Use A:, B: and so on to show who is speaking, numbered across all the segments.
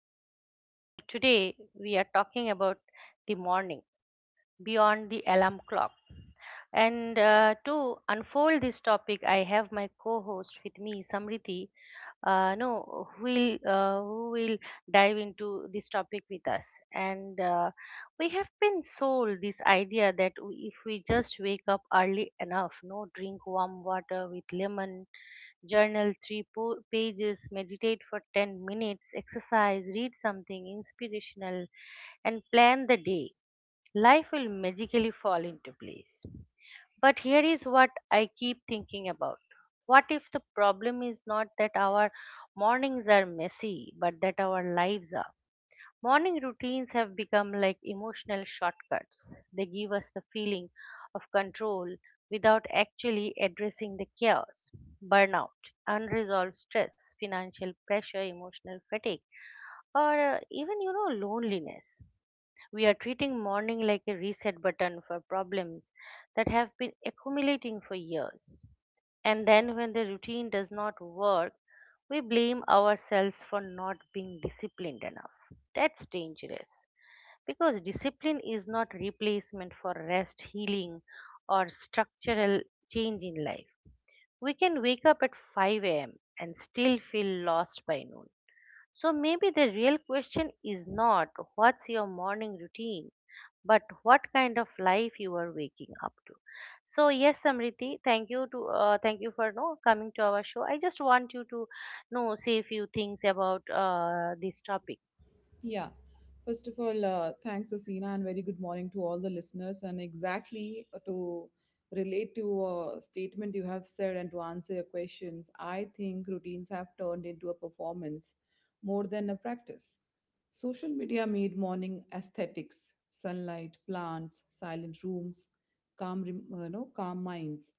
A: everyone. So, today we are talking about the morning beyond the alarm clock. And to unfold this topic, I have my co host with me, Samriti, no, who will dive into this topic with us. And we have been sold this idea that if we just wake up early enough, no, drink warm water with lemon Journal three pages, meditate for 10 minutes, exercise, read something inspirational, and plan the day. Life will magically fall into place. But here is what I keep thinking about. What if the problem is not that our mornings are messy, but that our lives are? Morning routines have become like emotional shortcuts. They give us the feeling of control without actually addressing the chaos, burnout, unresolved stress, financial pressure, emotional fatigue, or even loneliness. We are treating morning like a reset button for problems that have been accumulating for years. And then, when the routine does not work, we blame ourselves for not being disciplined enough. That's dangerous because discipline is not replacement for rest, healing, or structural change in life. We can wake up at 5 a.m. and still feel lost by noon. So maybe the real question is not what's your morning routine, but what kind of life you are waking up to. So yes, Samriti, thank you for no coming to our show. I just want you to know say a few things about this topic.
B: Yeah. First of all, thanks, Asina, and very good morning to all the listeners. And exactly to relate to a statement you have said and to answer your questions, I think routines have turned into a performance more than a practice. Social media made morning aesthetics, sunlight, plants, silent rooms, calm, rem- no, calm minds.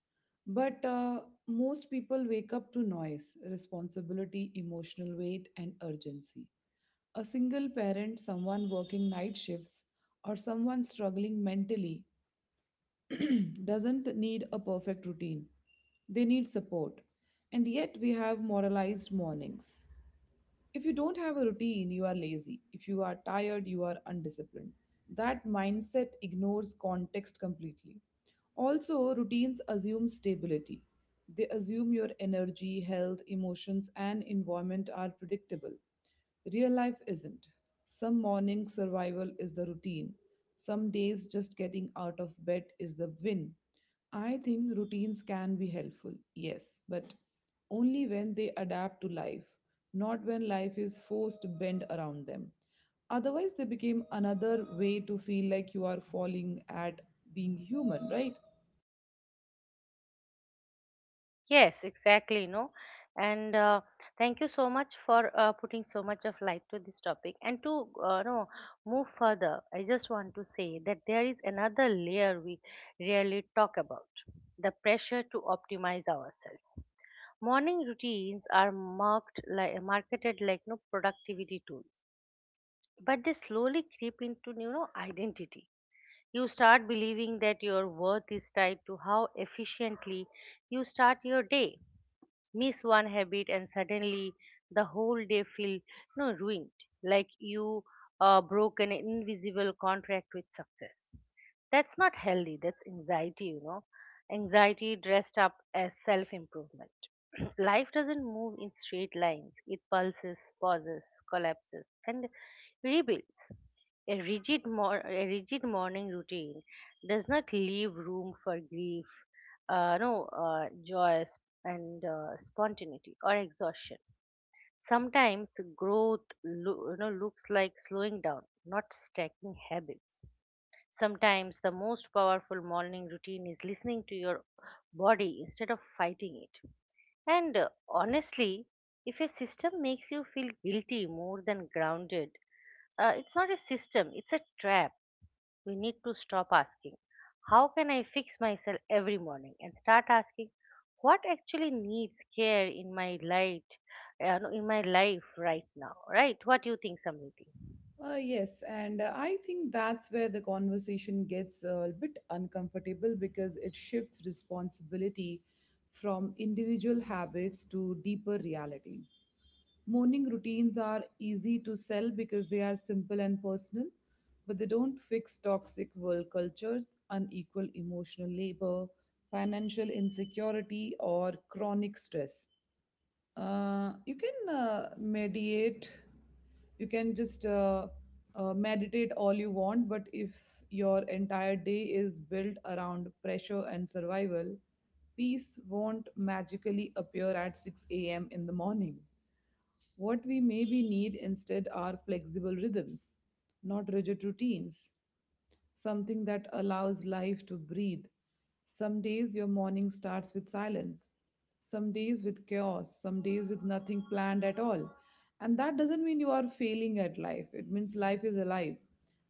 B: But most people wake up to noise, responsibility, emotional weight, and urgency a single parent, someone working night shifts, or someone struggling mentally doesn't need a perfect routine. They need support. And yet, we have moralized mornings. If you don't have a routine, you are lazy. If you are tired, you are undisciplined. That mindset ignores context completely. Also, routines assume stability. They assume your energy, health, emotions, and environment are predictable. Real life isn't. Some morning survival is the routine. Some days just getting out of bed is the win. I think routines can be helpful, yes, but only when they adapt to life, not when life is forced to bend around them. Otherwise, they became another way to feel like you are falling at being human, right?
A: Yes, exactly, no. And thank you so much for putting so much of light to this topic, and to no move further. I just want to say that there is another layer we rarely talk about: the pressure to optimize ourselves. Morning routines are marketed like no productivity tools, but they slowly creep into identity. You start believing that your worth is tied to how efficiently you start your day. Miss one habit and suddenly the whole day feel no ruined, like you broke an invisible contract with success. That's not healthy, that's anxiety. Anxiety dressed up as self improvement. Life doesn't move in straight lines. It pulses, pauses, collapses, and rebuilds. A rigid morning routine does not leave room for grief, no, joy, and spontaneity or exhaustion. Sometimes growth looks like slowing down, not stacking habits. Sometimes the most powerful morning routine is listening to your body instead of fighting it. And honestly, if a system makes you feel guilty more than grounded, it's not a system, it's a trap. We need to stop asking, "How can I fix myself every morning?" and start asking, "What actually needs care in my light, no, in my life right now?" Right? What do you think, Samriti?
B: Yes, and I think that's where the conversation gets a bit uncomfortable because it shifts responsibility from individual habits to deeper realities. Morning routines are easy to sell because they are simple and personal, but they don't fix toxic world cultures, unequal emotional labor, financial insecurity, or chronic stress. You can mediate you can just meditate all you want, but if your entire day is built around pressure and survival, peace won't magically appear at 6 a.m. in the morning. What we maybe need instead are flexible rhythms, not rigid routines, something that allows life to breathe. Some days your morning starts with silence, some days with chaos, some days with nothing planned at all. And that doesn't mean you are failing at life, it means life is alive.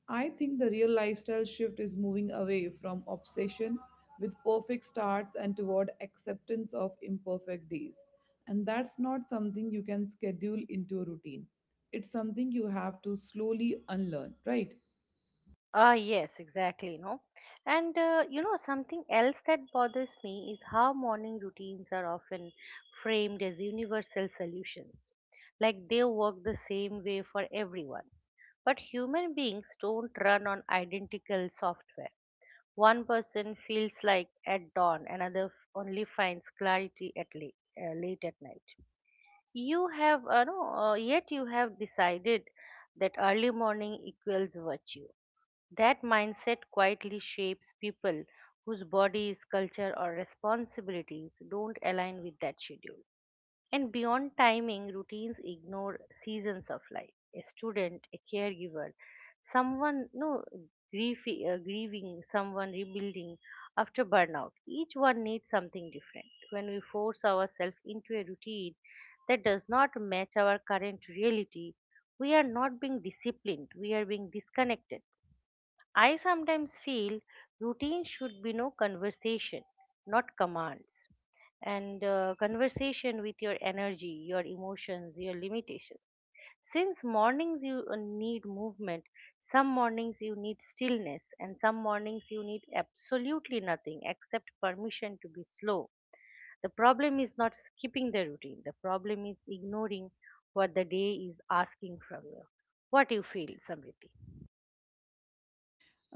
B: I think the real lifestyle shift is moving away from obsession with perfect starts and toward acceptance of imperfect days. And that's not something you can schedule into a routine. It's something you have to slowly unlearn, right?
A: Ah, yes, exactly, no. And something else that bothers me is how morning routines are often framed as universal solutions, like they work the same way for everyone. But human beings don't run on identical software. One person feels like at dawn, another only finds clarity at late at night. You have, no, yet you have decided that early morning equals virtue. That mindset quietly shapes people whose bodies, culture, or responsibilities don't align with that schedule. And beyond timing, routines ignore seasons of life. A student, a caregiver, someone no grief, grieving, someone rebuilding after burnout. Each one needs something different. When we force ourselves into a routine that does not match our current reality, we are not being disciplined. We are being disconnected. I sometimes feel routine should be no conversation, not commands. And conversation with your energy, your emotions, your limitations. Since mornings you need movement, some mornings you need stillness, and some mornings you need absolutely nothing except permission to be slow. The problem is not skipping the routine, the problem is ignoring what the day is asking from you. What do you feel, Samriti?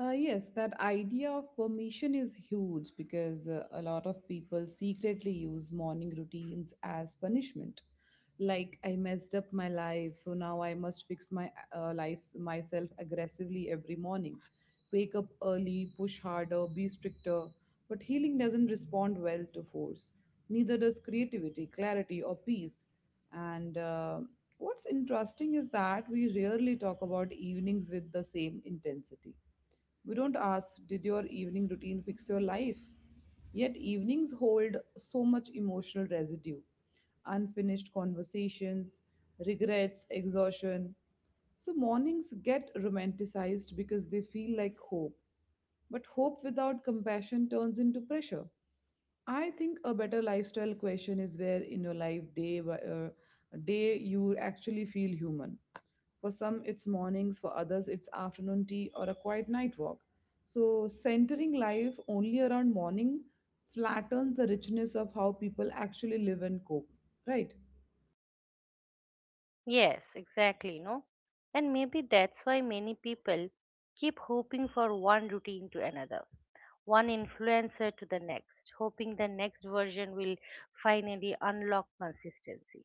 B: Yes, that idea of permission is huge because a lot of people secretly use morning routines as punishment. Like, I messed up my life, so now I must fix my life myself aggressively every morning. Wake up early, push harder, be stricter. But healing doesn't respond well to force. Neither does creativity, clarity, or peace. And what's interesting is that we rarely talk about evenings with the same intensity. We don't ask, did your evening routine fix your life? Yet evenings hold so much emotional residue, unfinished conversations, regrets, exhaustion. So mornings get romanticized because they feel like hope. But hope without compassion turns into pressure. I think a better lifestyle question is where in your life, day by day, you actually feel human. For some, it's mornings, for others, it's afternoon tea or a quiet night walk. So, centering life only around morning flattens the richness of how people actually live and cope, right?
A: Yes, exactly, no. And maybe that's why many people keep hoping for one routine to another, one influencer to the next, hoping the next version will finally unlock consistency.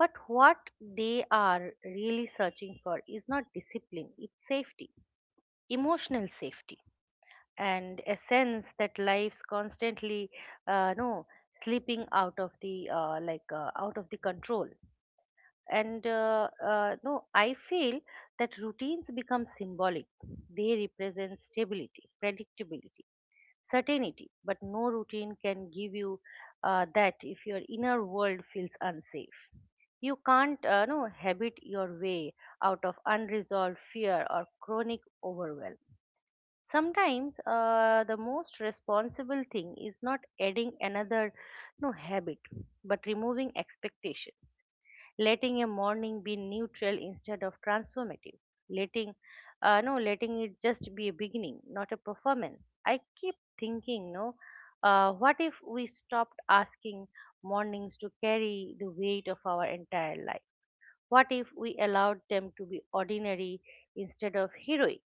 A: But what they are really searching for is not discipline, it's safety, emotional safety, and a sense that life's constantly, no, slipping out of the control. And uh, uh, no I feel that routines become symbolic. They represent stability, predictability, certainty, but no routine can give you that if your inner world feels unsafe. You can't no habit your way out of unresolved fear or chronic overwhelm. Sometimes the most responsible thing is not adding another no habit, but removing expectations, letting a morning be neutral instead of transformative, letting no letting it just be a beginning, not a performance. I keep thinking, what if we stopped asking mornings to carry the weight of our entire life? What if we allowed them to be ordinary instead of heroic?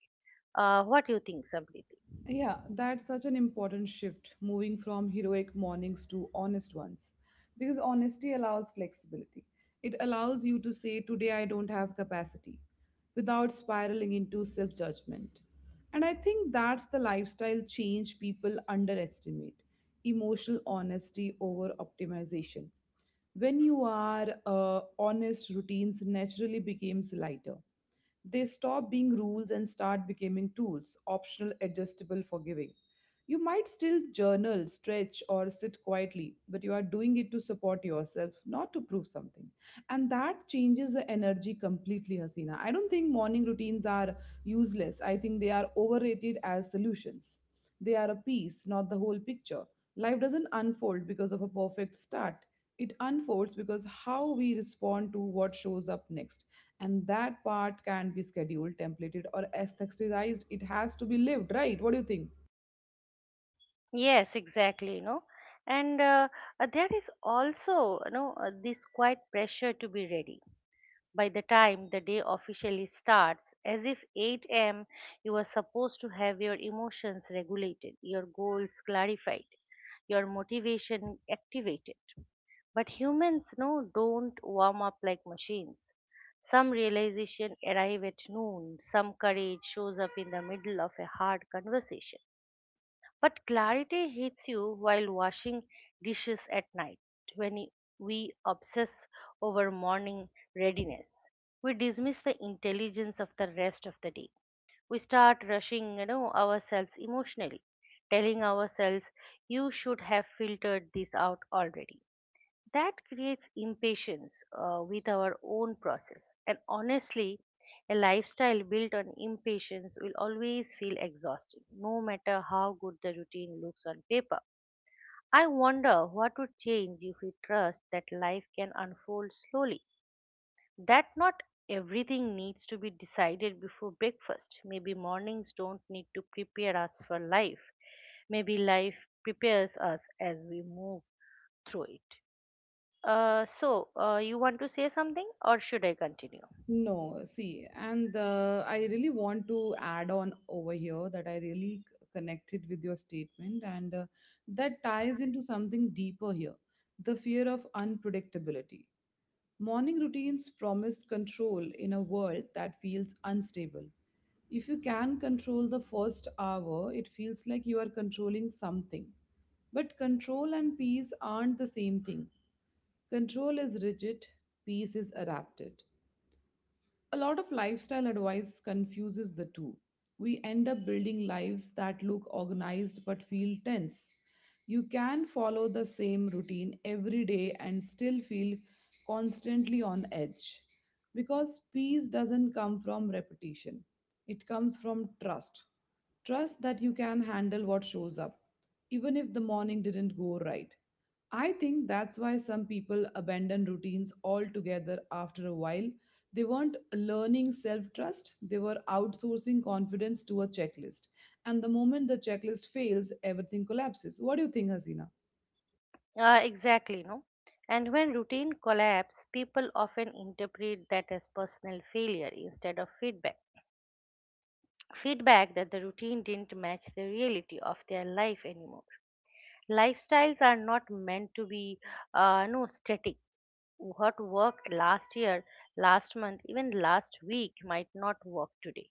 A: What do you think, somebody?
B: Yeah, that's such an important shift, moving from heroic mornings to honest ones. Because honesty allows flexibility. It allows you to say, "Today I don't have capacity," without spiraling into self judgment. And I think that's the lifestyle change people underestimate, emotional honesty over optimization. When you are honest, routines naturally becomes lighter. They stop being rules and start becoming tools, optional, adjustable, forgiving. You might still journal, stretch, or sit quietly, but you are doing it to support yourself, not to prove something. And that changes the energy completely, Hasina. I don't think morning routines are useless. I think they are overrated as solutions. They are a piece, not the whole picture. Life doesn't unfold because of a perfect start. It unfolds because how we respond to what shows up next, and that part can't be scheduled, templated or aestheticized. It has to be lived, right? What do you think?
A: Yes, exactly. And there is also this quiet pressure to be ready by the time the day officially starts, as if 8 a.m. you are supposed to have your emotions regulated, your goals clarified, your motivation activated. But humans no don't warm up like machines. Some realization arrive at noon, some courage shows up in the middle of a hard conversation, but clarity hits you while washing dishes at night. When we obsess over morning readiness, we dismiss the intelligence of the rest of the day. We start rushing ourselves emotionally, telling ourselves, "You should have filtered this out already." That creates impatience with our own process. And honestly, a lifestyle built on impatience will always feel exhausting, no matter how good the routine looks on paper. I wonder what would change if we trust that life can unfold slowly, that not everything needs to be decided before breakfast. Maybe mornings don't need to prepare us for life. Maybe life prepares us as we move through it. So, you want to say something or should I continue?
B: No, see, and I really want to add on over here that I really connected with your statement, and that ties into something deeper here, the fear of unpredictability. Morning routines promise control in a world that feels unstable. If you can control the first hour, it feels like you are controlling something. But control and peace aren't the same thing. Control is rigid, peace is adapted. A lot of lifestyle advice confuses the two. We end up building lives that look organized but feel tense. You can follow the same routine every day and still feel constantly on edge. Because peace doesn't come from repetition, it comes from trust. Trust that you can handle what shows up, even if the morning didn't go right. I think that's why some people abandon routines altogether after a while. They weren't learning self trust, they were outsourcing confidence to a checklist. And the moment the checklist fails, everything collapses. What do you think, Hasina?
A: Exactly, no? And when routine collapse, people often interpret that as personal failure instead of feedback. Feedback that the routine didn't match the reality of their life anymore. Lifestyles are not meant to be no static. What worked last year, last month, even last week might not work today.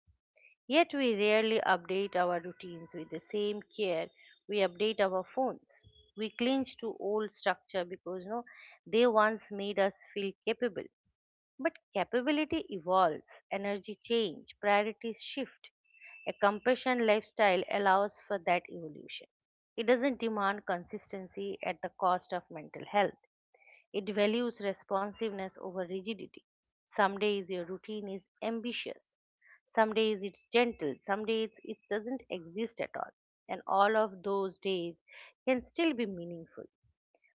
A: Yet we rarely update our routines with the same care we update our phones. We cling to old structure because no, they once made us feel capable. But capability evolves, energy change, priorities shift. A compassion lifestyle allows for that evolution. It doesn't demand consistency at the cost of mental health. It values responsiveness over rigidity. Some days your routine is ambitious, some days it's gentle, some days it doesn't exist at all. And all of those days can still be meaningful.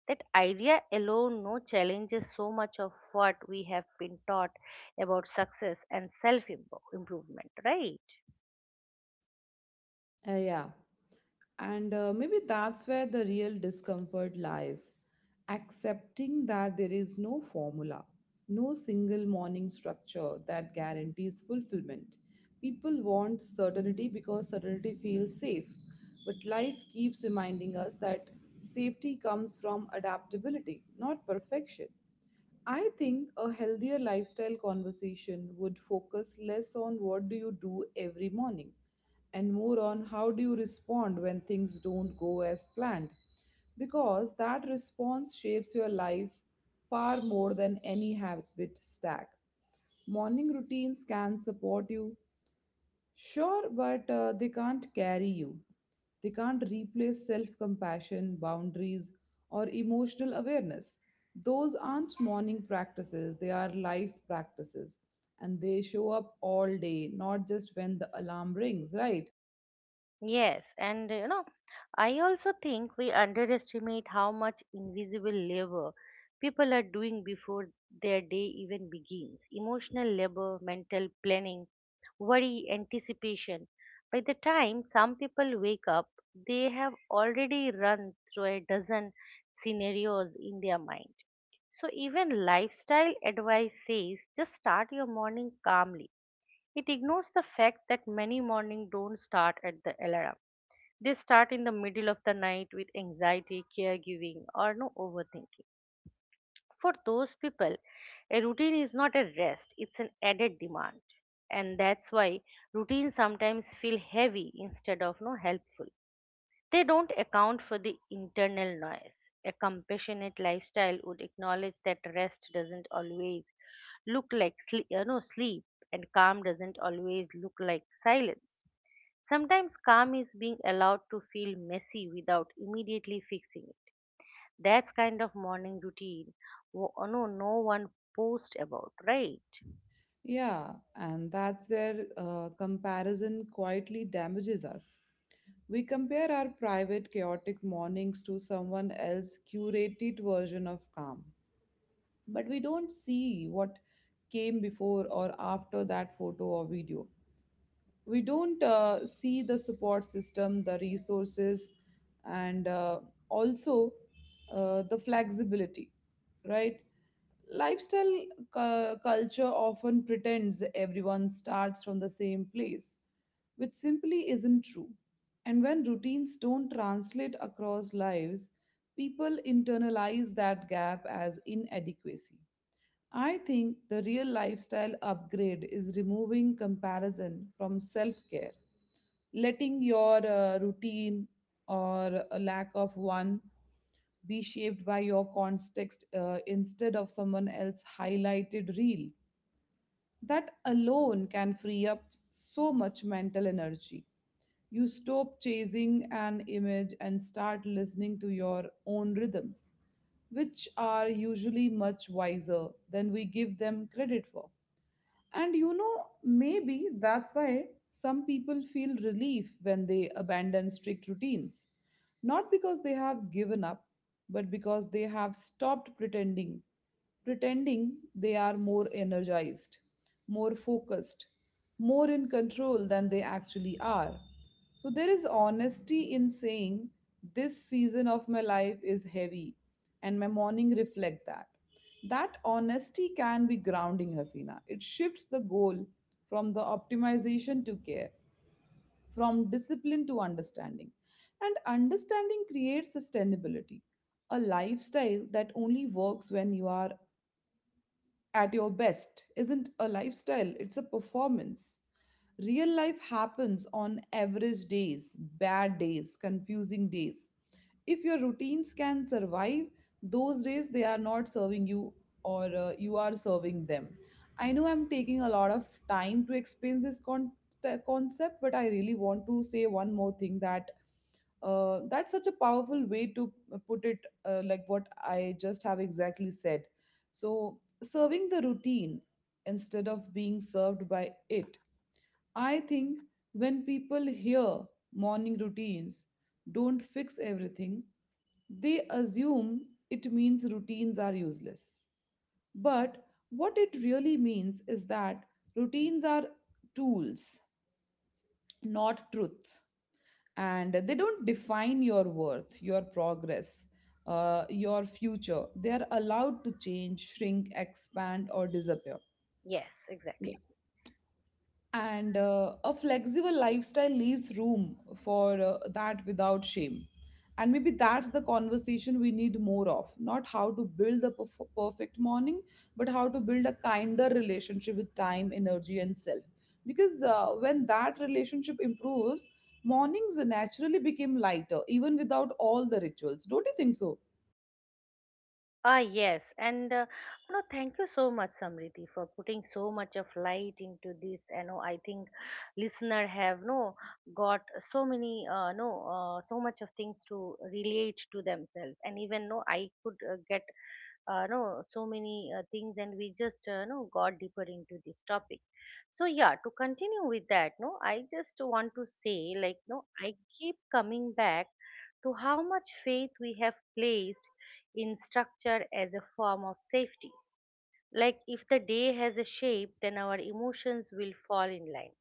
A: That idea alone no challenges so much of what we have been taught about success and self improvement, right?
B: Yeah. And maybe that's where the real discomfort lies, accepting that there is no formula, no single morning structure that guarantees fulfillment. People want certainty because certainty feels safe. But life keeps reminding us that safety comes from adaptability, not perfection. I think a healthier lifestyle conversation would focus less on what do you do every morning and more on how do you respond when things don't go as planned, because that response shapes your life far more than any habit stack. Morning routines can support you. Sure, but they can't carry you. They can't replace self compassion, boundaries, or emotional awareness. Those aren't morning practices, they are life practices. And they show up all day, not just when the alarm rings, right?
A: Yes, and I also think we underestimate how much invisible labor people are doing before their day even begins. Emotional labor, mental planning, worry, anticipation. By the time some people wake up, they have already run through a dozen scenarios in their mind. So, even lifestyle advice says just start your morning calmly. It ignores the fact that many mornings don't start at the alarm. They start in the middle of the night with anxiety, caregiving, or no overthinking. For those people, a routine is not a rest, it's an added demand. And that's why routines sometimes feel heavy instead of no helpful. They don't account for the internal noise. A compassionate lifestyle would acknowledge that rest doesn't always look like sleep and calm doesn't always look like silence. Sometimes calm is being allowed to feel messy without immediately fixing it. That's kind of morning routine. No one post about, right?
B: Yeah, and that's where comparison quietly damages us. We compare our private, chaotic mornings to someone else's curated version of calm. But we don't see what came before or after that photo or video. We don't see the support system, the resources, and also the flexibility, right? Lifestyle culture often pretends everyone starts from the same place, which simply isn't true. And when routines don't translate across lives, people internalize that gap as inadequacy. I think the real lifestyle upgrade is removing comparison from self care, letting your routine, or a lack of one, be shaped by your context, instead of someone else's highlighted reel. That alone can free up so much mental energy. You stop chasing an image and start listening to your own rhythms, which are usually much wiser than we give them credit for. And you know, maybe that's why some people feel relief when they abandon strict routines. Not because they have given up, but because they have stopped pretending. Pretending they are more energized, more focused, more in control than they actually are. So there is honesty in saying this season of my life is heavy and my morning reflect that. That honesty can be grounding, Hasina. It shifts the goal from the optimization to care, from discipline to understanding. And understanding creates sustainability. A lifestyle that only works when you are at your best isn't a lifestyle, it's a performance. Real life happens on average days, bad days, confusing days. If your routines can survive those days, they are not serving you, or you are serving them. I know I'm taking a lot of time to explain this concept, but I really want to say one more thing, that that's such a powerful way to put it, like what I just have exactly said. So serving the routine instead of being served by it. I think when people hear morning routines don't fix everything, they assume it means routines are useless. But what it really means is that routines are tools, not truth. And they don't define your worth, your progress, your future. They are allowed to change, shrink, expand, or disappear.
A: Yes, exactly.
B: And a flexible lifestyle leaves room for that without shame. And maybe that's the conversation we need more of, not how to build the perfect morning, but how to build a kinder relationship with time, energy and self. Because when that relationship improves, mornings naturally become lighter, even without all the rituals. Don't you think so?
A: Ah, yes, and no, thank you so much, Samriti, for putting so much of light into this. I think listener have no got so many, no, so much of things to relate to themselves, and even no, I could get, no, so many things, and we just, no, got deeper into this topic. So, yeah, to continue with that, no I just want to say, like, no I keep coming back to how much faith we have placed in structure as a form of safety. Like, if the day has a shape, then our emotions will fall in line.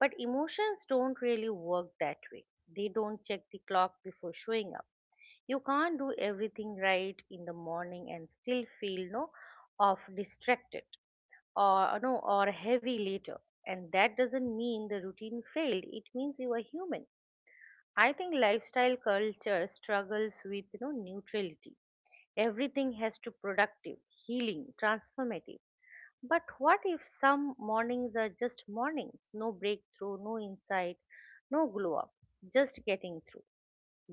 A: But emotions don't really work that way. They don't check the clock before showing up. You can't do everything right in the morning and still feel off, distracted, or no or heavy later. And that doesn't mean the routine failed, it means you are human. I think lifestyle culture struggles with, you know, neutrality. Everything has to productive, healing, transformative. But what if some mornings are just mornings? No breakthrough, no insight, no glow up, just getting through.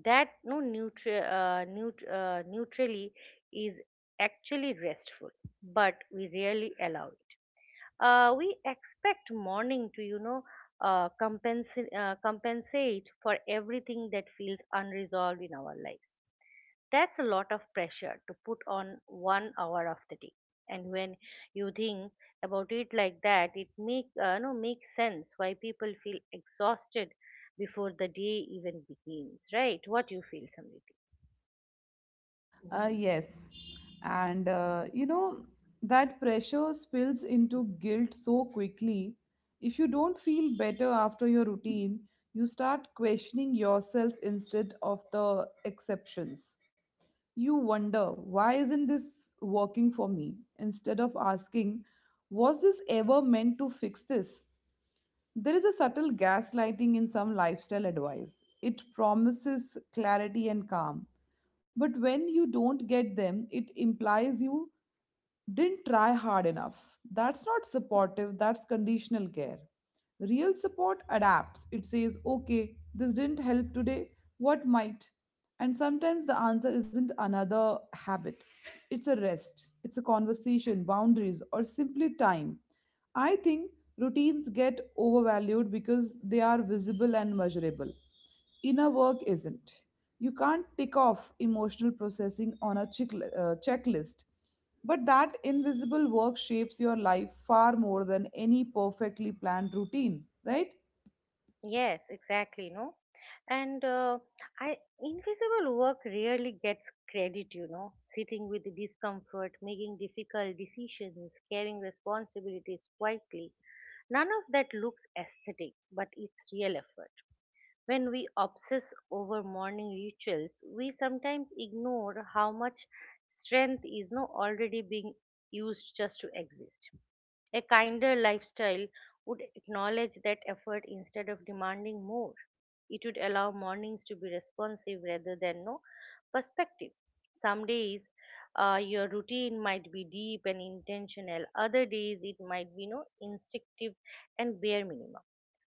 A: That no neutral neut- neutrally is actually restful, but we rarely allow it. We expect morning to, you know, compensate for everything that feels unresolved in our lives. That's a lot of pressure to put on one hour of the day. And when you think about it like that, it make no makes sense why people feel exhausted before the day even begins. Right? What you feel, Samriti?
B: Yes. And, you know, that pressure spills into guilt so quickly. If you don't feel better after your routine, you start questioning yourself instead of the exceptions. You wonder, why isn't this working for me? Instead of asking, was this ever meant to fix this? There is a subtle gaslighting in some lifestyle advice. It promises clarity and calm. But when you don't get them, it implies you didn't try hard enough. That's not supportive, that's conditional care. Real support adapts. It says, okay, this didn't help today, what might? And sometimes the answer isn't another habit, it's a rest, it's a conversation, boundaries, or simply time. I think routines get overvalued because they are visible and measurable. Inner work isn't. You can't tick off emotional processing on a checklist. But that invisible work shapes your life far more than any perfectly planned routine, right?
A: Yes, exactly, no? And I invisible work rarely gets credit, you know, sitting with the discomfort, making difficult decisions, carrying responsibilities quietly. None of that looks aesthetic, but it's real effort. When we obsess over morning rituals, we sometimes ignore how much strength is no already being used just to exist. A kinder lifestyle would acknowledge that effort instead of demanding more. It would allow mornings to be responsive rather than no perspective. Some days your routine might be deep and intentional, other days it might be no instinctive and bare minimum.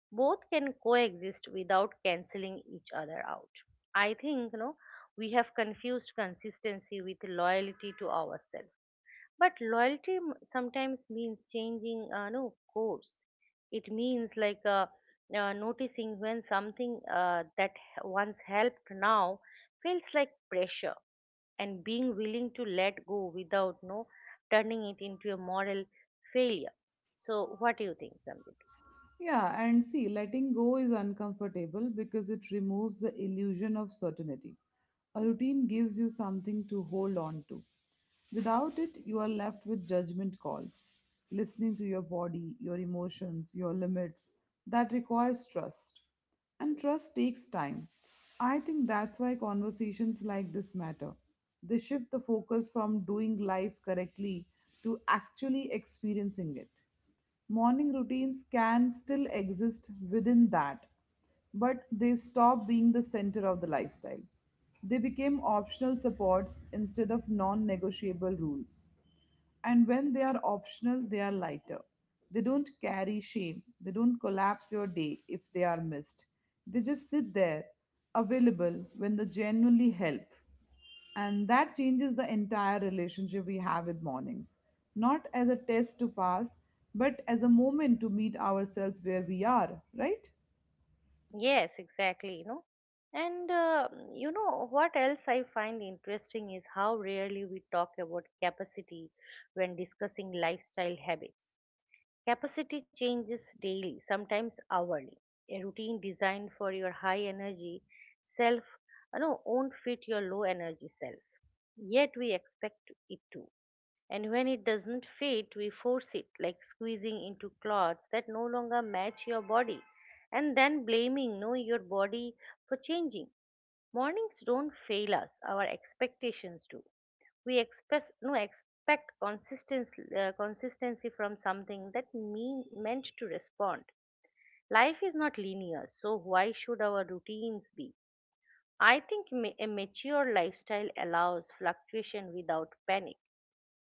A: Both can coexist without canceling each other out. I think, you know, we have confused consistency with loyalty to ourselves, but loyalty sometimes means changing no course. It means like, noticing when something that once helped now feels like pressure, and being willing to let go without no turning it into a moral failure. So, what do you think, Samrit?
B: Yeah, and see, letting go is uncomfortable because it removes the illusion of certainty. A routine gives you something to hold on to. Without it, you are left with judgment calls, listening to your body, your emotions, your limits. That requires trust. And trust takes time. I think that's why conversations like this matter. They shift the focus from doing life correctly to actually experiencing it. Morning routines can still exist within that, but they stop being the center of the lifestyle. They became optional supports instead of non negotiable rules. And when they are optional, they are lighter. They don't carry shame. They don't collapse your day if they are missed. They just sit there, available when they genuinely help. And that changes the entire relationship we have with mornings. Not as a test to pass, but as a moment to meet ourselves where we are, right?
A: Yes, exactly, you know. And you know what else I find interesting is how rarely we talk about capacity when discussing lifestyle habits. Capacity changes daily, sometimes hourly. A routine designed for your high energy self, you know, won't fit your low energy self. Yet we expect it to. And when it doesn't fit, we force it, like squeezing into clothes that no longer match your body and then blaming no your body for changing. Mornings don't fail us, our expectations do. We express no expect consistency from something that meant to respond. Life is not linear, so why should our routines be? I think a mature lifestyle allows fluctuation without panic.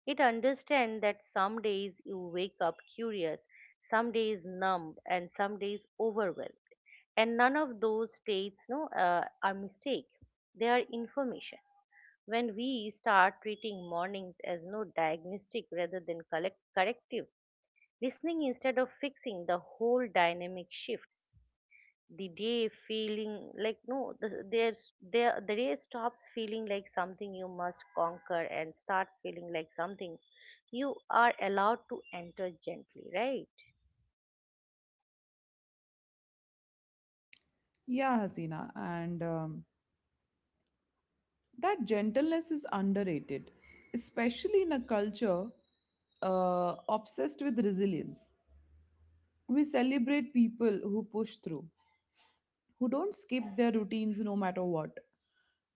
A: It understands that some days you wake up curious, some days numb, and some days overwhelmed. And none of those states no are mistake, they are information. When we start treating mornings as no diagnostic rather than corrective, listening instead of fixing, the whole dynamic shifts. The day feeling like no, the, there's, there, The day stops feeling like something you must conquer and starts feeling like something you are allowed to enter gently, right?
B: Yeah, Hasina, and that gentleness is underrated, especially in a culture obsessed with resilience. We celebrate people who push through, who don't skip their routines no matter what.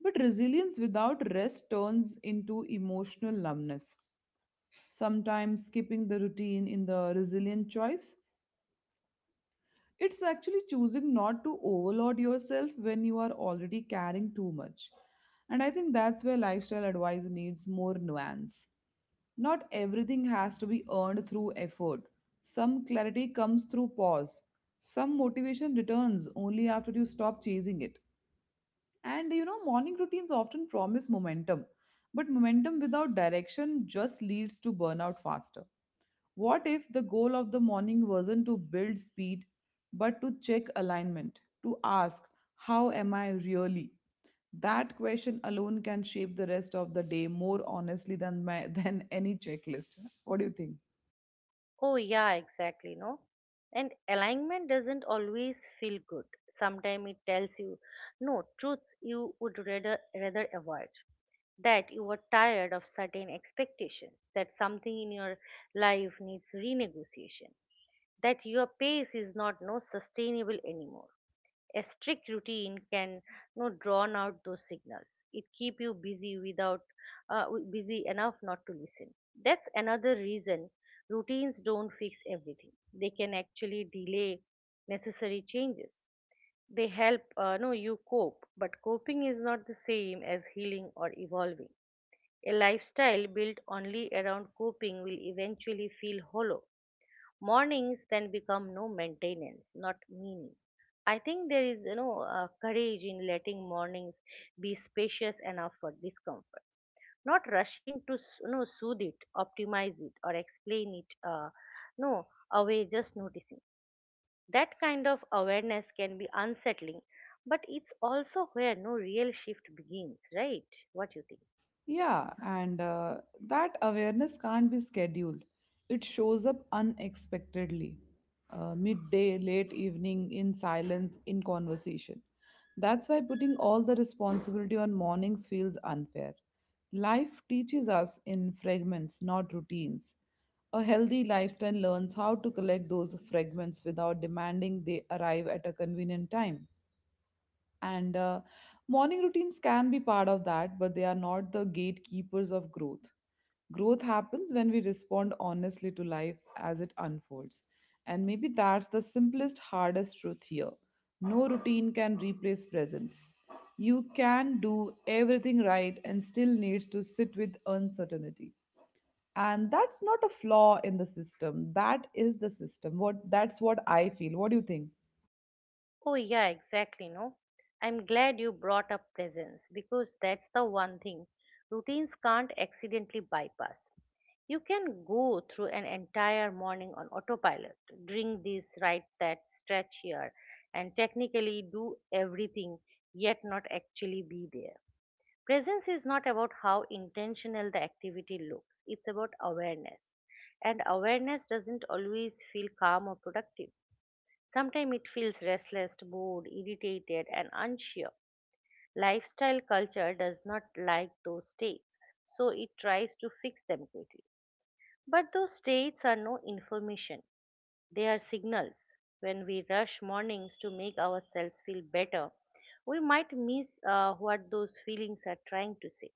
B: But resilience without rest turns into emotional numbness. Sometimes skipping the routine in the resilient choice. It's actually choosing not to overload yourself when you are already carrying too much. And I think that's where lifestyle advice needs more nuance. Not everything has to be earned through effort. Some clarity comes through pause. Some motivation returns only after you stop chasing it. And you know, morning routines often promise momentum, but momentum without direction just leads to burnout faster. What if the goal of the morning wasn't to build speed, but to check alignment, to ask, how am I really? That question alone can shape the rest of the day more honestly than, than any checklist. What do you think?
A: Oh, yeah, exactly, no? And alignment doesn't always feel good. Sometimes it tells you, no, truths you would rather avoid. That you are tired of certain expectations, that something in your life needs renegotiation, that your pace is not no sustainable anymore. A strict routine can no drown out those signals. It keep you busy without w- busy enough not to listen. That's another reason routines don't fix everything. They can actually delay necessary changes. They help no you cope, but coping is not the same as healing or evolving. A lifestyle built only around coping will eventually feel hollow. Mornings then become maintenance, not meaning. I think there is, you know, courage in letting mornings be spacious enough for discomfort, not rushing to, you know, soothe it, optimize it, or explain it, no, away, just noticing. That kind of awareness can be unsettling, but it's also where no real shift begins, right? What you think?
B: Yeah, and that awareness can't be scheduled. It shows up unexpectedly, midday, late evening, in silence, in conversation. That's why putting all the responsibility on mornings feels unfair. Life teaches us in fragments, not routines. A healthy lifestyle learns how to collect those fragments without demanding they arrive at a convenient time. And morning routines can be part of that, but they are not the gatekeepers of growth. Growth happens when we respond honestly to life as it unfolds. And maybe that's the simplest, hardest truth here. No routine can replace presence. You can do everything right and still needs to sit with uncertainty. And that's not a flaw in the system. That is the system. What that's what I feel. What do you think?
A: Oh, yeah, exactly. No, I'm glad you brought up presence because that's the one thing routines can't accidentally bypass. You can go through an entire morning on autopilot, drink this, write that, stretch here, and technically do everything, yet not actually be there. Presence is not about how intentional the activity looks, it's about awareness. And awareness doesn't always feel calm or productive. Sometimes it feels restless, bored, irritated, and unsure. Lifestyle culture does not like those states, so it tries to fix them quickly. But those states are no information, they are signals. When we rush mornings to make ourselves feel better, we might miss what those feelings are trying to say.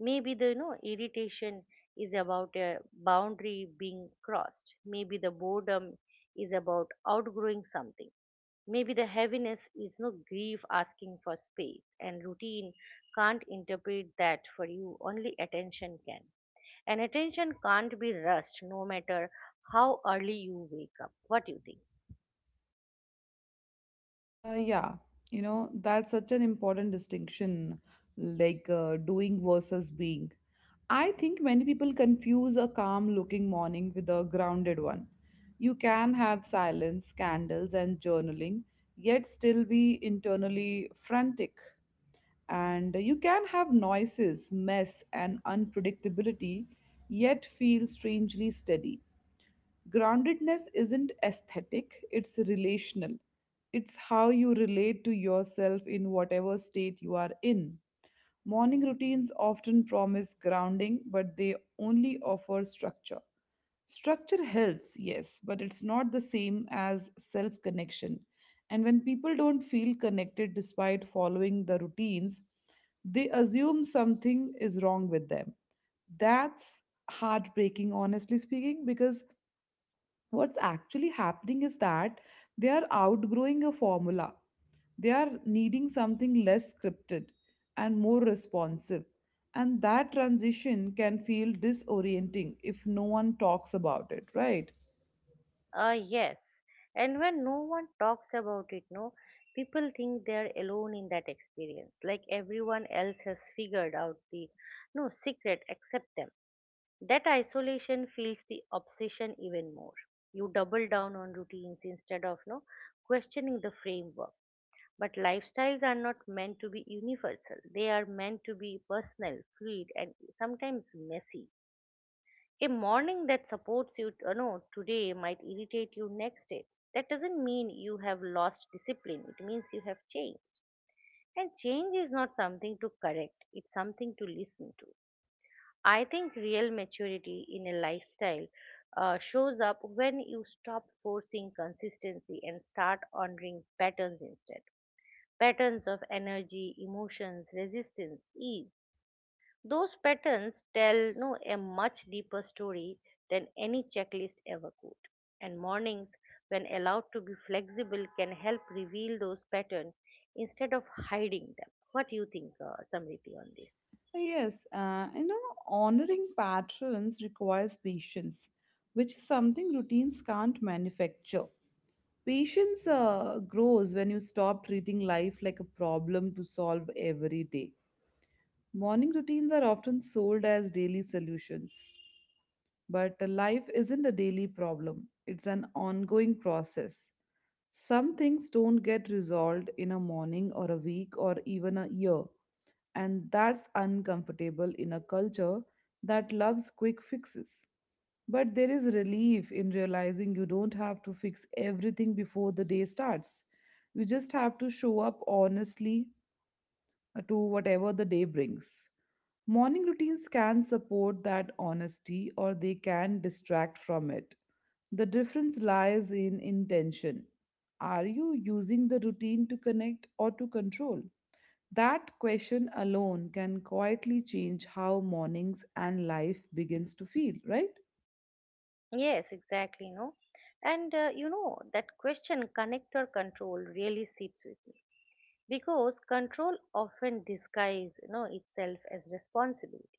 A: Maybe the, you know, irritation is about a boundary being crossed. Maybe the boredom is about outgrowing something. Maybe the heaviness is no grief asking for space, and routine can't interpret that for you, only attention can. And attention can't be rushed no matter how early you wake up. What do you think?
B: Uh, yeah, you know, that's such an important distinction, like doing versus being. I think many people confuse a calm looking morning with a grounded one. You can have silence, candles, and journaling, yet still be internally frantic. And you can have noises, mess, and unpredictability, yet feel strangely steady. Groundedness isn't aesthetic, it's relational. It's how you relate to yourself in whatever state you are in. Morning routines often promise grounding, but they only offer structure. Structure helps, yes, but it's not the same as self connection. And when people don't feel connected despite following the routines, they assume something is wrong with them. That's heartbreaking, honestly speaking, because what's actually happening is that they are outgrowing a formula. They are needing something less scripted and more responsive. And that transition can feel disorienting if no one talks about it, right?
A: Yes. And when no one talks about it, no, people think they are alone in that experience. Like everyone else has figured out the no secret except them. That isolation feels the obsession even more. You double down on routines instead of no questioning the framework. But lifestyles are not meant to be universal. They are meant to be personal, fluid, and sometimes messy. A morning that supports you no today might irritate you next day. That doesn't mean you have lost discipline, it means you have changed. And change is not something to correct, it's something to listen to. I think real maturity in a lifestyle shows up when you stop forcing consistency and start honoring patterns instead. Patterns of energy, emotions, resistance, ease. Those patterns tell no a much deeper story than any checklist ever could. And mornings, when allowed to be flexible, can help reveal those patterns instead of hiding them. What do you think, Samriti, on this?
B: Yes, you know, honoring patrons requires patience, which is something routines can't manufacture. Patience grows when you stop treating life like a problem to solve every day. Morning routines are often sold as daily solutions, but life isn't a daily problem, it's an ongoing process. Some things don't get resolved in a morning or a week or even a year, and that's uncomfortable in a culture that loves quick fixes. But there is relief in realizing you don't have to fix everything before the day starts. You just have to show up honestly to whatever the day brings. Morning routines can support that honesty or they can distract from it. The difference lies in intention. Are you using the routine to connect or to control? That question alone can quietly change how mornings and life begins to feel, right?
A: Yes, exactly. No, and you know that question, connector control, really sits with me because control often disguises, you know, itself as responsibility.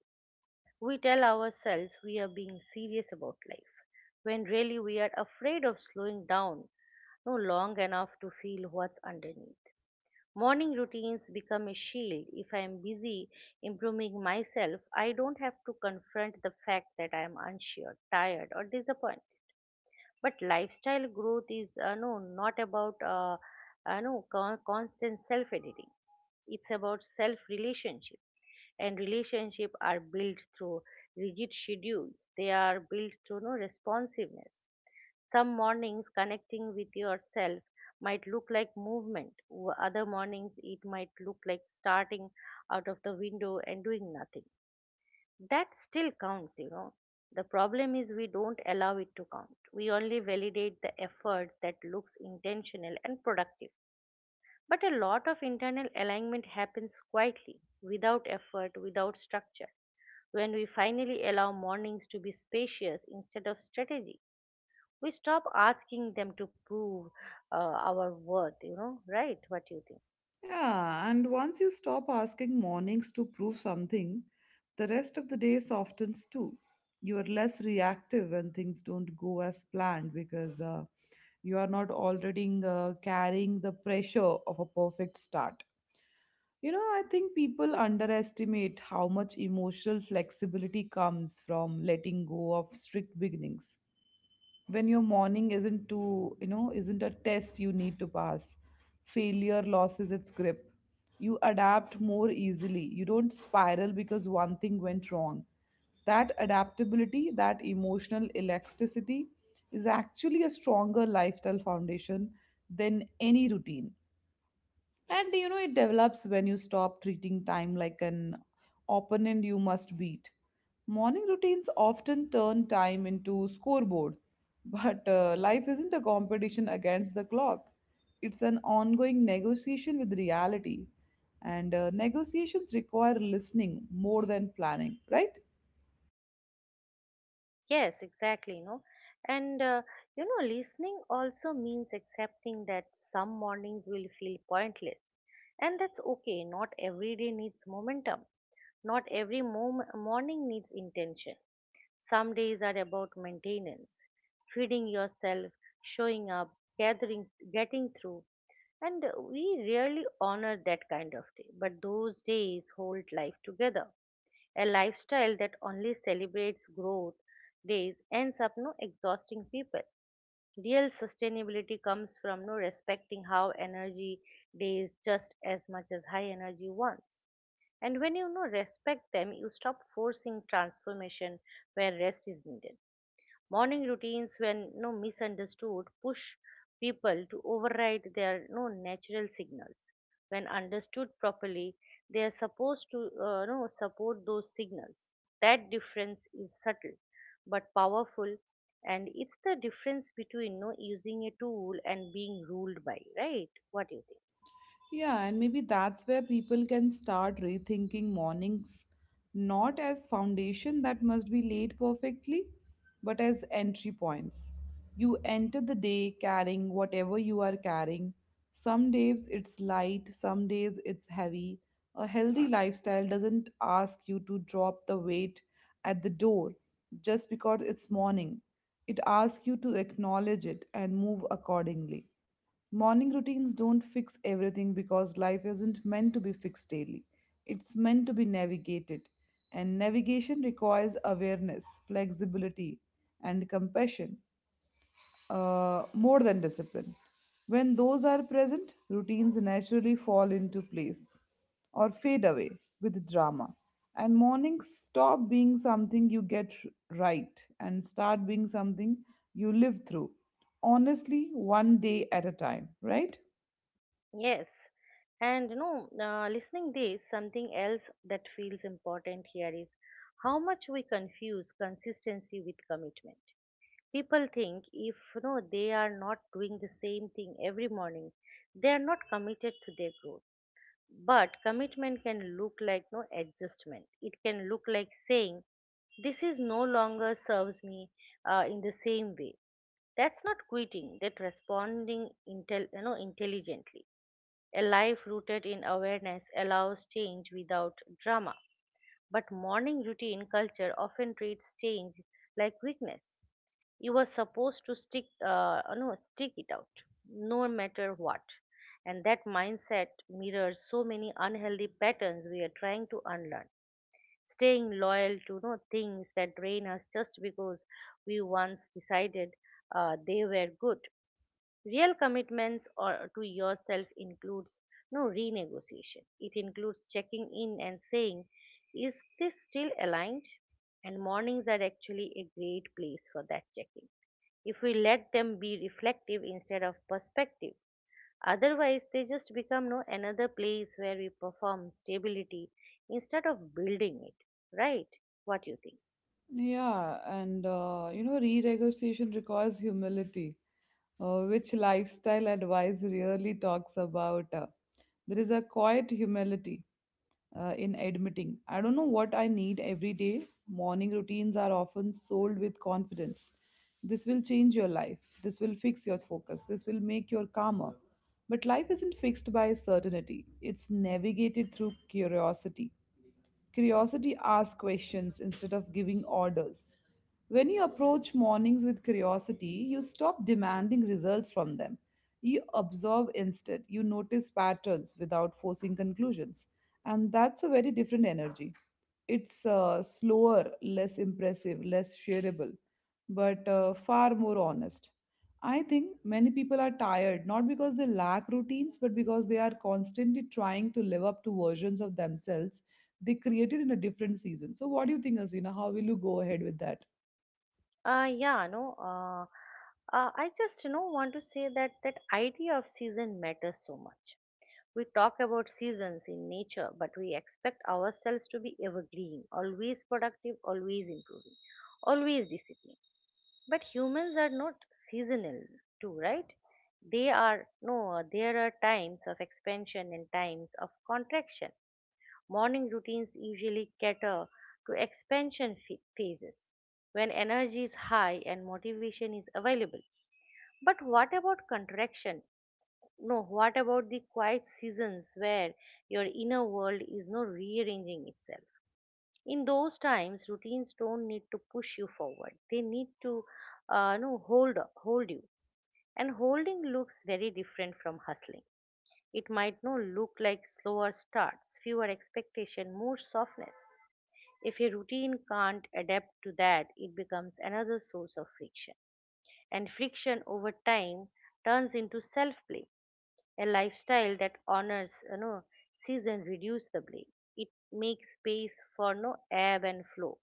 A: We tell ourselves we are being serious about life, when really we are afraid of slowing down no long enough to feel what's underneath. Morning routines become a shield. If I am busy improving myself, I don't have to confront the fact that I am unsure, tired, or disappointed. But lifestyle growth is not about no con- constant self editing. It's about self relationship. And relationship are built through rigid schedules, they are built through no responsiveness. Some mornings connecting with yourself might look like movement, other mornings it might look like starting out of the window and doing nothing. That still counts, you know. The problem is we don't allow it to count, we only validate the effort that looks intentional and productive. But a lot of internal alignment happens quietly, without effort, without structure. When we finally allow mornings to be spacious instead of strategy, we stop asking them to prove our worth, you know. Right? What do you think?
B: Yeah, and once you stop asking mornings to prove something, the rest of the day softens too. You are less reactive when things don't go as planned because you are not already carrying the pressure of a perfect start. You know, I think people underestimate how much emotional flexibility comes from letting go of strict beginnings when your morning isn't too, you know, isn't a test you need to pass. Failure loses its grip. You adapt more easily, you don't spiral because one thing went wrong. That adaptability, that emotional elasticity, is actually a stronger lifestyle foundation than any routine. And you know, it develops when you stop treating time like an opponent you must beat. Morning routines often turn time into scoreboard, but life isn't a competition against the clock. It's an ongoing negotiation with reality, and negotiations require listening more than planning, right?
A: Yes, exactly, you know. And you know, listening also means accepting that some mornings will feel pointless. And that's okay. Not every day needs momentum. Not every morning needs intention. Some days are about maintenance, feeding yourself, showing up, gathering, getting through. And we rarely honor that kind of day, but those days hold life together. A lifestyle that only celebrates growth days ends up no exhausting people. Real sustainability comes from no respecting how energy days just as much as high energy ones. And when you know, respect them, you stop forcing transformation where rest is needed. Morning routines, when no misunderstood, push people to override their no natural signals. When understood properly, they are supposed to no, support those signals. That difference is subtle but powerful, and it's the difference between no using a tool and being ruled by. Right? What do you think?
B: Yeah, and maybe that's where people can start rethinking mornings not as foundation that must be laid perfectly, but as entry points. You enter the day carrying whatever you are carrying. Some days it's light, some days it's heavy. A healthy lifestyle doesn't ask you to drop the weight at the door just because it's morning. It asks you to acknowledge it and move accordingly. Morning routines don't fix everything because life isn't meant to be fixed daily. It's meant to be navigated. And navigation requires awareness, flexibility, and compassion more than discipline. When those are present, routines naturally fall into place or fade away with drama. And mornings stop being something you get right and start being something you live through. Honestly, one day at a time, right?
A: Yes, and you know, listening this, something else that feels important here is how much we confuse consistency with commitment. People think if, you know, they are not doing the same thing every morning, they are not committed to their growth. But commitment can look like no adjustment. It can look like saying, "This is no longer serves me in the same way." That's not quitting. That responding intelligently. A life rooted in awareness allows change without drama. But morning routine culture often treats change like weakness. You were supposed to stick it out, no matter what. And that mindset mirrors so many unhealthy patterns we are trying to unlearn. Staying loyal to no things that drain us just because we once decided they were good. Real commitments or to yourself includes no renegotiation. It includes checking in and saying, is this still aligned? And mornings are actually a great place for that checking. If we let them be reflective instead of perspective, otherwise they just become no another place where we perform stability instead of building it. Right? What do you think?
B: Yeah, and you know, renegotiation requires humility, which lifestyle advice really talks about. There is a quiet humility in admitting, I don't know what I need every day. Morning routines are often sold with confidence. This will change your life. This will fix your focus. This will make you calmer. But life isn't fixed by certainty, it's navigated through curiosity. Curiosity asks questions instead of giving orders. When you approach mornings with curiosity, you stop demanding results from them. You observe instead, you notice patterns without forcing conclusions. And that's a very different energy. It's slower, less impressive, less shareable, but far more honest. I think many people are tired not because they lack routines, but because they are constantly trying to live up to versions of themselves they created in a different season. So, what do you think, Asrina? How will you go ahead with that?
A: Yeah, no, I just want to say that that idea of season matters so much. We talk about seasons in nature, but we expect ourselves to be evergreen, always productive, always improving, always disciplined. But humans are not seasonal, too, right? They are no. There are times of expansion and times of contraction. Morning routines usually cater to expansion phases when energy is high and motivation is available. But what about contraction? No, what about the quiet seasons where your inner world is not rearranging itself? In those times, routines don't need to push you forward. They need to, no, hold you. And holding looks very different from hustling. It might no look like slower starts, fewer expectation, more softness. If a routine can't adapt to that, it becomes another source of friction. And friction over time turns into self blame. A lifestyle that honors season reduces the blame. It makes space for no ebb and flow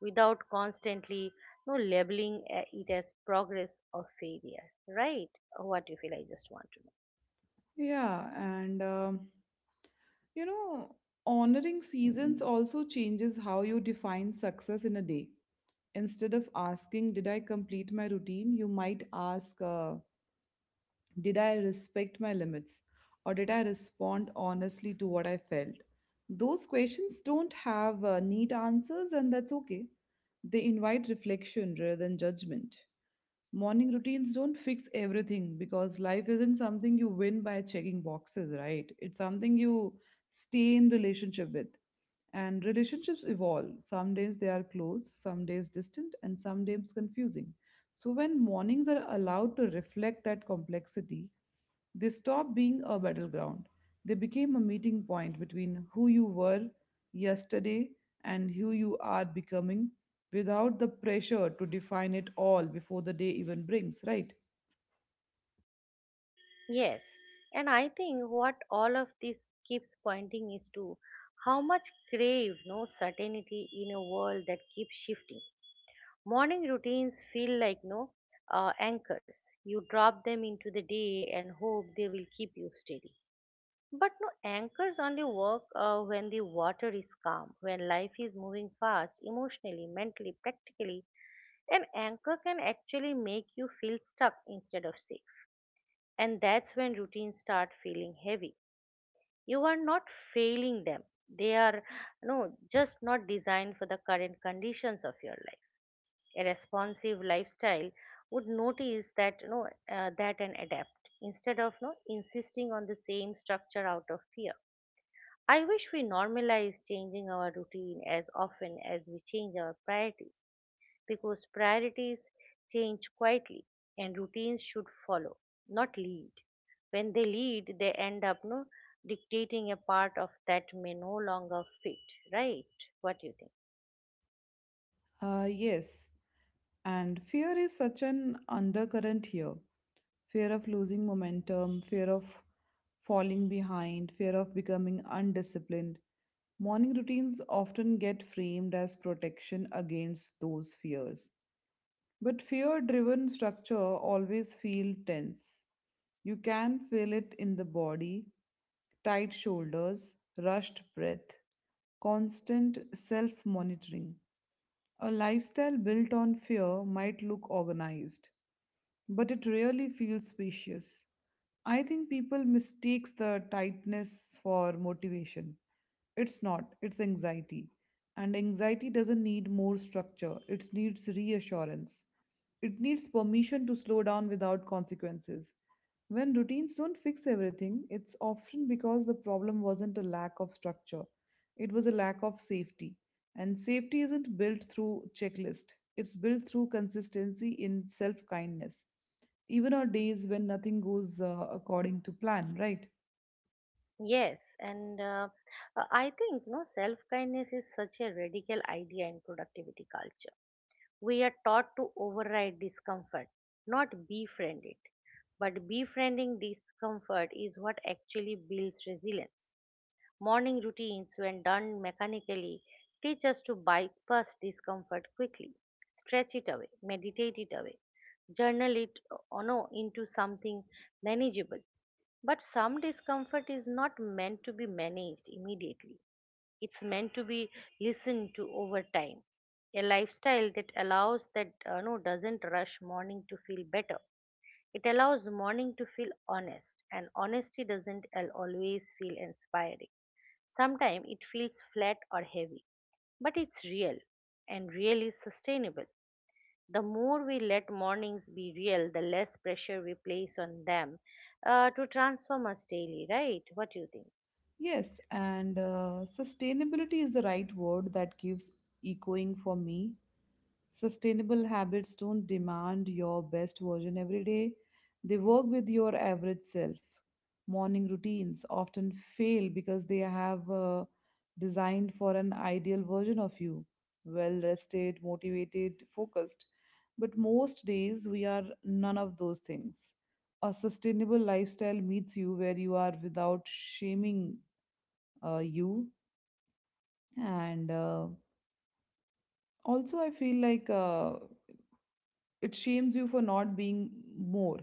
A: without constantly no labeling it as progress or failure. Right? What do you feel? I just want to know.
B: Yeah, and you know, honoring seasons also changes how you define success in a day. Instead of asking, did I complete my routine? You might ask, did I respect my limits? Or did I respond honestly to what I felt? Those questions don't have neat answers, and that's okay. They invite reflection rather than judgment. Morning routines don't fix everything because life isn't something you win by checking boxes, right? It's something you stay in relationship with. And relationships evolve. Some days they are close, some days distant, and some days confusing. So, when mornings are allowed to reflect that complexity, they stop being a battleground. They became a meeting point between who you were yesterday and who you are becoming without the pressure to define it all before the day even brings, right?
A: Yes, and I think what all of this keeps pointing is to how much crave no certainty in a world that keeps shifting. Morning routines feel like no anchors. You drop them into the day and hope they will keep you steady. But no anchors only work when the water is calm, when life is moving fast, emotionally, mentally, practically. An anchor can actually make you feel stuck instead of safe, and that's when routines start feeling heavy. You are not failing them. They are no just not designed for the current conditions of your life. A responsive lifestyle would notice that that and adapt instead of no insisting on the same structure out of fear. I wish we normalize changing our routine as often as we change our priorities, because priorities change quietly and routines should follow, not lead. When they lead, they end up no, dictating a part of that may no longer fit, right? What do you think?
B: Yes, and fear is such an undercurrent here. Fear of losing momentum, fear of falling behind, fear of becoming undisciplined. Morning routines often get framed as protection against those fears. But fear driven structure always feel tense. You can feel it in the body, tight shoulders, rushed breath, constant self monitoring. A lifestyle built on fear might look organized, but it rarely feels spacious. I think people mistakes the tightness for motivation. It's not, it's anxiety. And anxiety doesn't need more structure, it needs reassurance. It needs permission to slow down without consequences. When routines don't fix everything, it's often because the problem wasn't a lack of structure, it was a lack of safety. And safety isn't built through checklist, it's built through consistency in self kindness. Even on days when nothing goes according to plan, right?
A: Yes, and I think no self kindness is such a radical idea in productivity culture. We are taught to override discomfort, not befriend it. But befriending discomfort is what actually builds resilience. Morning routines, when done mechanically, teach us to bypass discomfort quickly, stretch it away, meditate it away, journal it no, into something manageable. But some discomfort is not meant to be managed immediately. It's meant to be listened to over time. A lifestyle that allows that no doesn't rush morning to feel better. It allows morning to feel honest, and honesty doesn't always feel inspiring. Sometimes it feels flat or heavy, but it's real, and real is sustainable. The more we let mornings be real, the less pressure we place on them to transform us daily, right? What do you think?
B: Yes, and sustainability is the right word that gives echoing for me. Sustainable habits don't demand your best version every day, they work with your average self. Morning routines often fail because they have designed for an ideal version of you well rested, motivated, focused. But most days we are none of those things. A sustainable lifestyle meets you where you are without shaming you. And also, I feel like it shames you for not being more.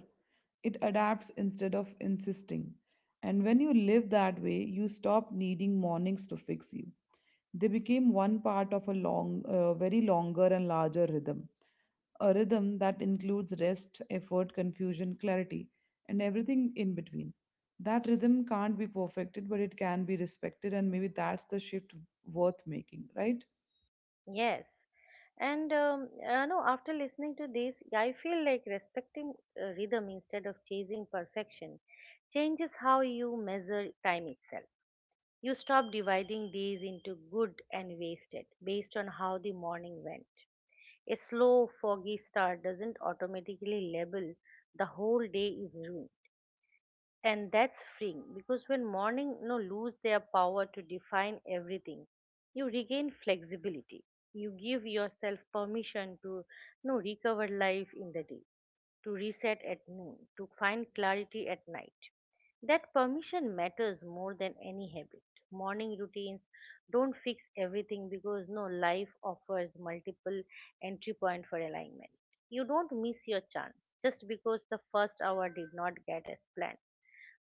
B: It adapts instead of insisting. And when you live that way, you stop needing mornings to fix you. They became one part of a long, very longer and larger rhythm. A rhythm that includes rest, effort, confusion, clarity, and everything in between. That rhythm can't be perfected, but it can be respected, and maybe that's the shift worth making, right?
A: Yes. And no, after listening to this, I feel like respecting rhythm instead of chasing perfection changes how you measure time itself. You stop dividing these into good and wasted based on how the morning went. A slow, foggy start doesn't automatically label the whole day is ruined, and that's freeing, because when morning lose their power to define everything, you regain flexibility. You give yourself permission to recover life in the day, to reset at noon, to find clarity at night. That permission matters more than any habit. Morning routines don't fix everything because no life offers multiple entry point for alignment. You don't miss your chance just because the first hour did not get as planned,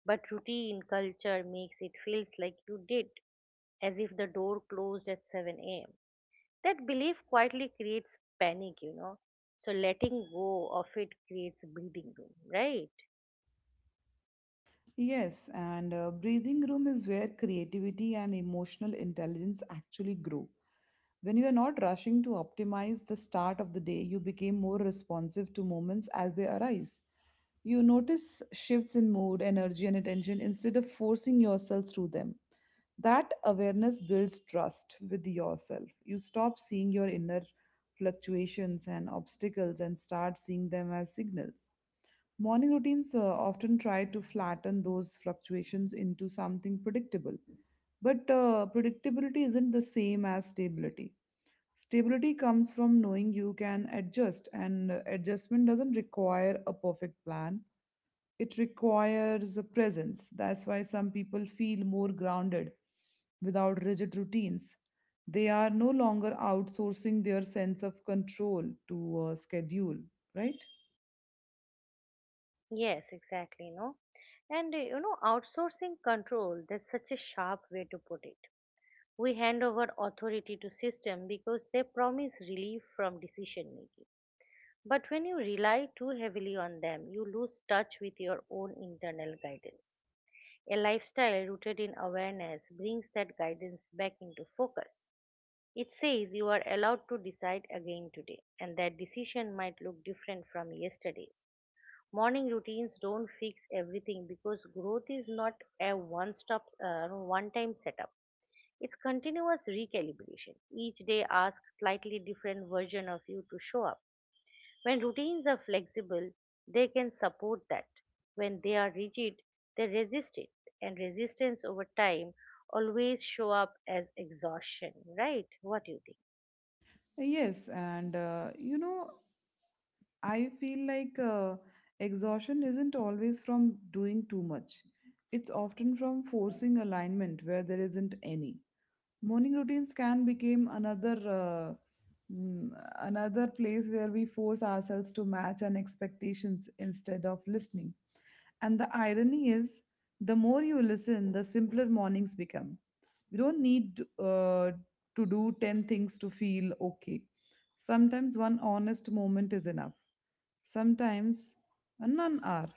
A: but routine culture makes it feels like you did, as if the door closed at 7 a.m. That belief quietly creates panic, you know. So letting go of it creates breathing room, right?
B: Yes, and breathing room is where creativity and emotional intelligence actually grow. When you are not rushing to optimize the start of the day, you become more responsive to moments as they arise. You notice shifts in mood, energy, and attention instead of forcing yourself through them. That awareness builds trust with yourself. You stop seeing your inner fluctuations and obstacles and start seeing them as signals. Morning routines often try to flatten those fluctuations into something predictable. But predictability isn't the same as stability. Stability comes from knowing you can adjust, and adjustment doesn't require a perfect plan. It requires a presence. That's why some people feel more grounded without rigid routines. They are no longer outsourcing their sense of control to a schedule, right?
A: Yes, exactly, you know. And outsourcing control, that's such a sharp way to put it. We hand over authority to system because they promise relief from decision making. But when you rely too heavily on them, you lose touch with your own internal guidance. A lifestyle rooted in awareness brings that guidance back into focus. It says you are allowed to decide again today, and that decision might look different from yesterday's. Morning routines don't fix everything because growth is not a one stop, one time setup. It's continuous recalibration. Each day asks slightly different version of you to show up. When routines are flexible, they can support that. When they are rigid, they resist it. And resistance over time always show up as exhaustion, right? What do you think?
B: Yes, and I feel like exhaustion isn't always from doing too much. It's often from forcing alignment where there isn't any. Morning routines can become another mm, another place where we force ourselves to match our expectations instead of listening. And the irony is, the more you listen, the simpler mornings become. We don't need to do 10 things to feel okay. Sometimes one honest moment is enough. Sometimes none are.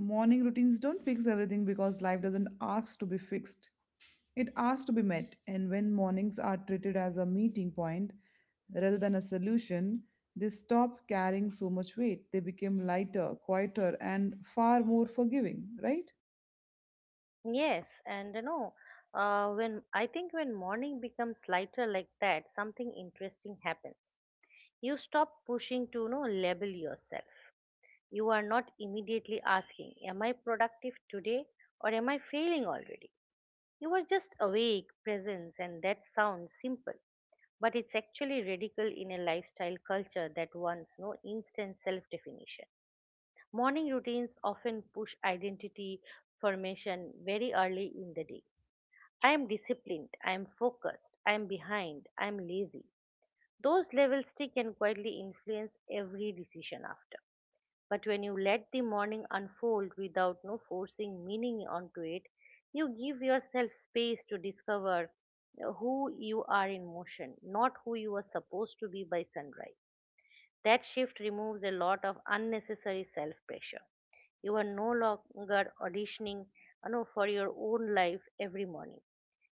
B: Morning routines don't fix everything because life doesn't ask to be fixed. It asks to be met, and when mornings are treated as a meeting point rather than a solution, they stop carrying so much weight. They become lighter, quieter, and far more forgiving, right?
A: Yes, and you know, when I think when morning becomes lighter like that, something interesting happens. You stop pushing to label yourself. You are not immediately asking, "Am I productive today, or am I failing already?" You are just awake, presence, and that sounds simple, but it's actually radical in a lifestyle culture that wants no instant self definition. Morning routines often push identity formation very early in the day. I am disciplined, I am focused, I am behind, I am lazy. Those levels stick and quietly influence every decision after. But when you let the morning unfold without no forcing meaning onto it, you give yourself space to discover who you are in motion, not who you are supposed to be by sunrise. That shift removes a lot of unnecessary self pressure. You are no longer auditioning, for your own life every morning.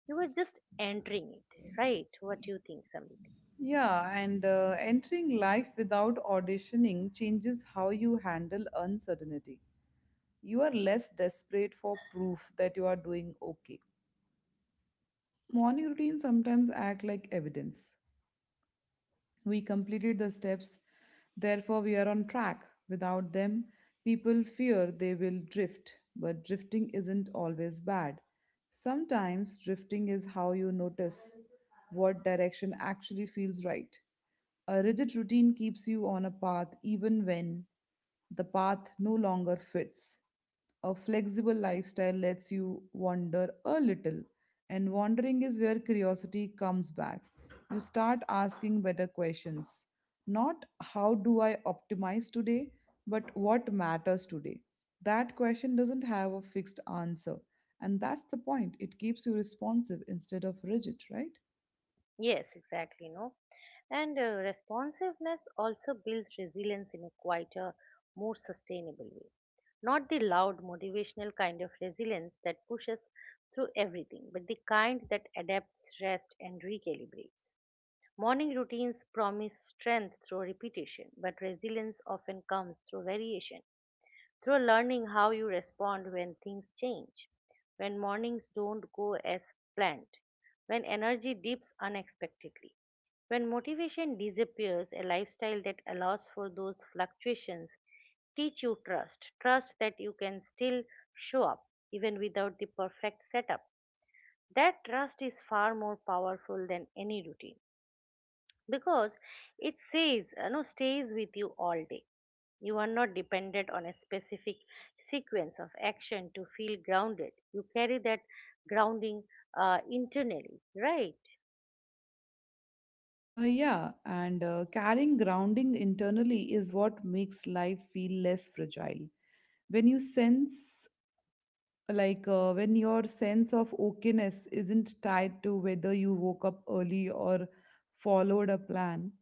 A: You are just entering it, right? What do you think, Samir?
B: Yeah, and entering life without auditioning changes how you handle uncertainty. You are less desperate for proof that you are doing okay. Morning routines sometimes act like evidence. We completed the steps, therefore, we are on track. Without them, people fear they will drift, but drifting isn't always bad. Sometimes, drifting is how you notice what direction actually feels right. A rigid routine keeps you on a path even when the path no longer fits. A flexible lifestyle lets you wander a little, and wandering is where curiosity comes back. You start asking better questions. Not how do I optimize today, but what matters today. That question doesn't have a fixed answer. And that's the point. It keeps you responsive instead of rigid, right?
A: Yes, exactly, no. And responsiveness also builds resilience in a quieter, more sustainable way. Not the loud, motivational kind of resilience that pushes through everything, but the kind that adapts, rests, and recalibrates. Morning routines promise strength through repetition, but resilience often comes through variation, through learning how you respond when things change, when mornings don't go as planned, when energy dips unexpectedly, when motivation disappears. A lifestyle that allows for those fluctuations teach you trust, trust that you can still show up even without the perfect setup. That trust is far more powerful than any routine because it says, you know, stays with you all day. You are not dependent on a specific sequence of action to feel grounded. You carry that grounding internally, right?
B: Yeah, and carrying grounding internally is what makes life feel less fragile. When you sense when your sense of okayness isn't tied to whether you woke up early or followed a plan,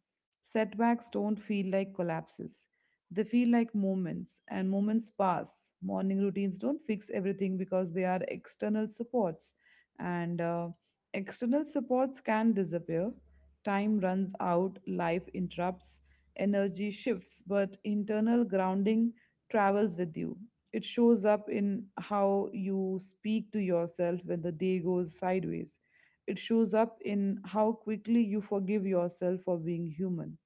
B: setbacks don't feel like collapses. They feel like moments, and moments pass. Morning routines don't fix everything because they are external supports, and external supports can disappear. Time runs out, life interrupts, energy shifts, but internal grounding travels with you. It shows up in how you speak to yourself when the day goes sideways. It shows up in how quickly you forgive yourself for being human.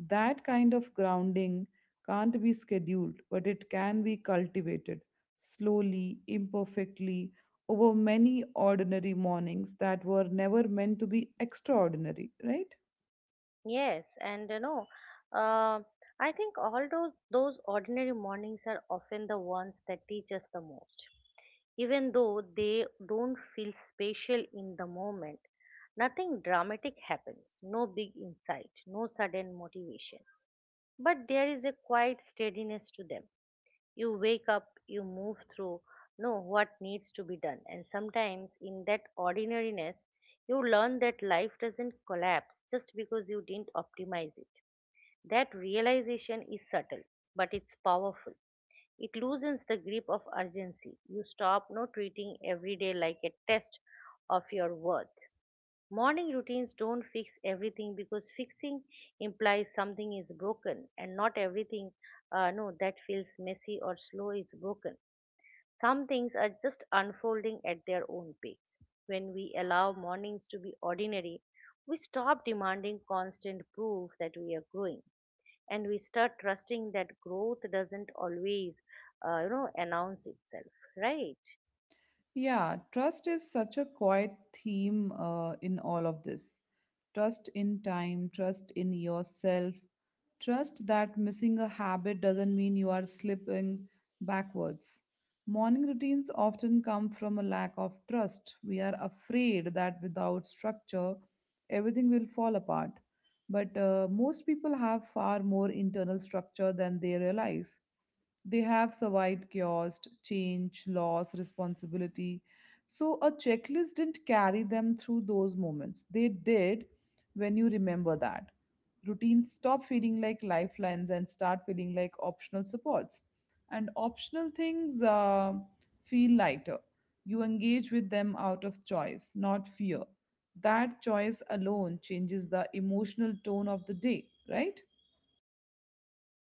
B: That kind of grounding can't be scheduled, but it can be cultivated slowly, imperfectly, over many ordinary mornings that were never meant to be extraordinary, right?
A: Yes, and you know, uh, I think all those ordinary mornings are often the ones that teach us the most, even though they don't feel special in the moment. Nothing dramatic happens, no big insight, no sudden motivation, but there is a quiet steadiness to them. You wake up, you move through, know what needs to be done. And sometimes, in that ordinariness, you learn that life doesn't collapse just because you didn't optimize it. That realization is subtle, but it's powerful. It loosens the grip of urgency. You stop no treating every day like a test of your worth. Morning routines don't fix everything because fixing implies something is broken, and not everything no that feels messy or slow is broken. Some things are just unfolding at their own pace. When we allow mornings to be ordinary, we stop demanding constant proof that we are growing, and we start trusting that growth doesn't always announce itself, right?
B: Yeah, trust is such a quiet theme in all of this. Trust in time, trust in yourself, trust that missing a habit doesn't mean you are slipping backwards. Morning routines often come from a lack of trust. We are afraid that without structure, everything will fall apart. But most people have far more internal structure than they realize. They have survived chaos, change, loss, responsibility. So a checklist didn't carry them through those moments. They did. When you remember that, routines stop feeling like lifelines and start feeling like optional supports. And optional things feel lighter. You engage with them out of choice, not fear. That choice alone changes the emotional tone of the day, right?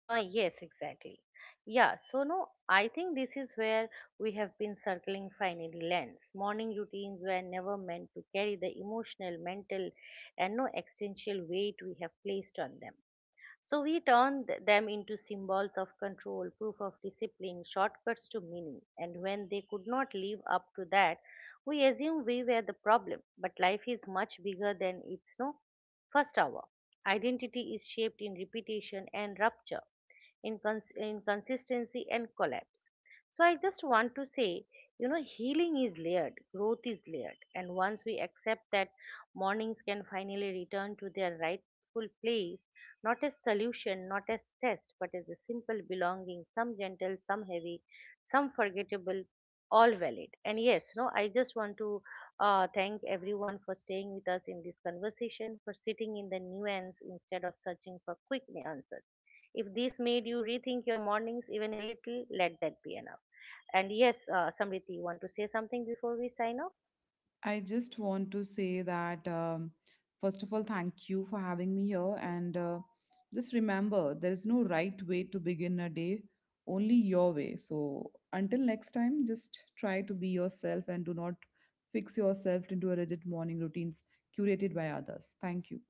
A: yes, exactly, yeah. So no, I think this is where we have been circling finally lands. Morning routines were never meant to carry the emotional, mental, and no existential weight we have placed on them. So we turn them into symbols of control, proof of discipline, shortcuts to meaning. And when they could not live up to that, we assume we were the problem. But life is much bigger than its no first hour. Identity is shaped in repetition and rupture, inconsistency and collapse. So I just want to say, you know, healing is layered, growth is layered, and once we accept that, mornings can finally return to their rightful place, not as solution, not as test, but as a simple belonging. Some gentle, some heavy, some forgettable, all valid. And yes, no, I just want to thank everyone for staying with us in this conversation, for sitting in the nuance instead of searching for quick answers. If this made you rethink your mornings even a little, let that be enough. And yes, Samriti, you want to say something before we sign off?
B: I just want to say that, first of all, thank you for having me here. And just remember, there is no right way to begin a day, only your way. So until next time, just try to be yourself and do not fix yourself into a rigid morning routines curated by others. Thank you.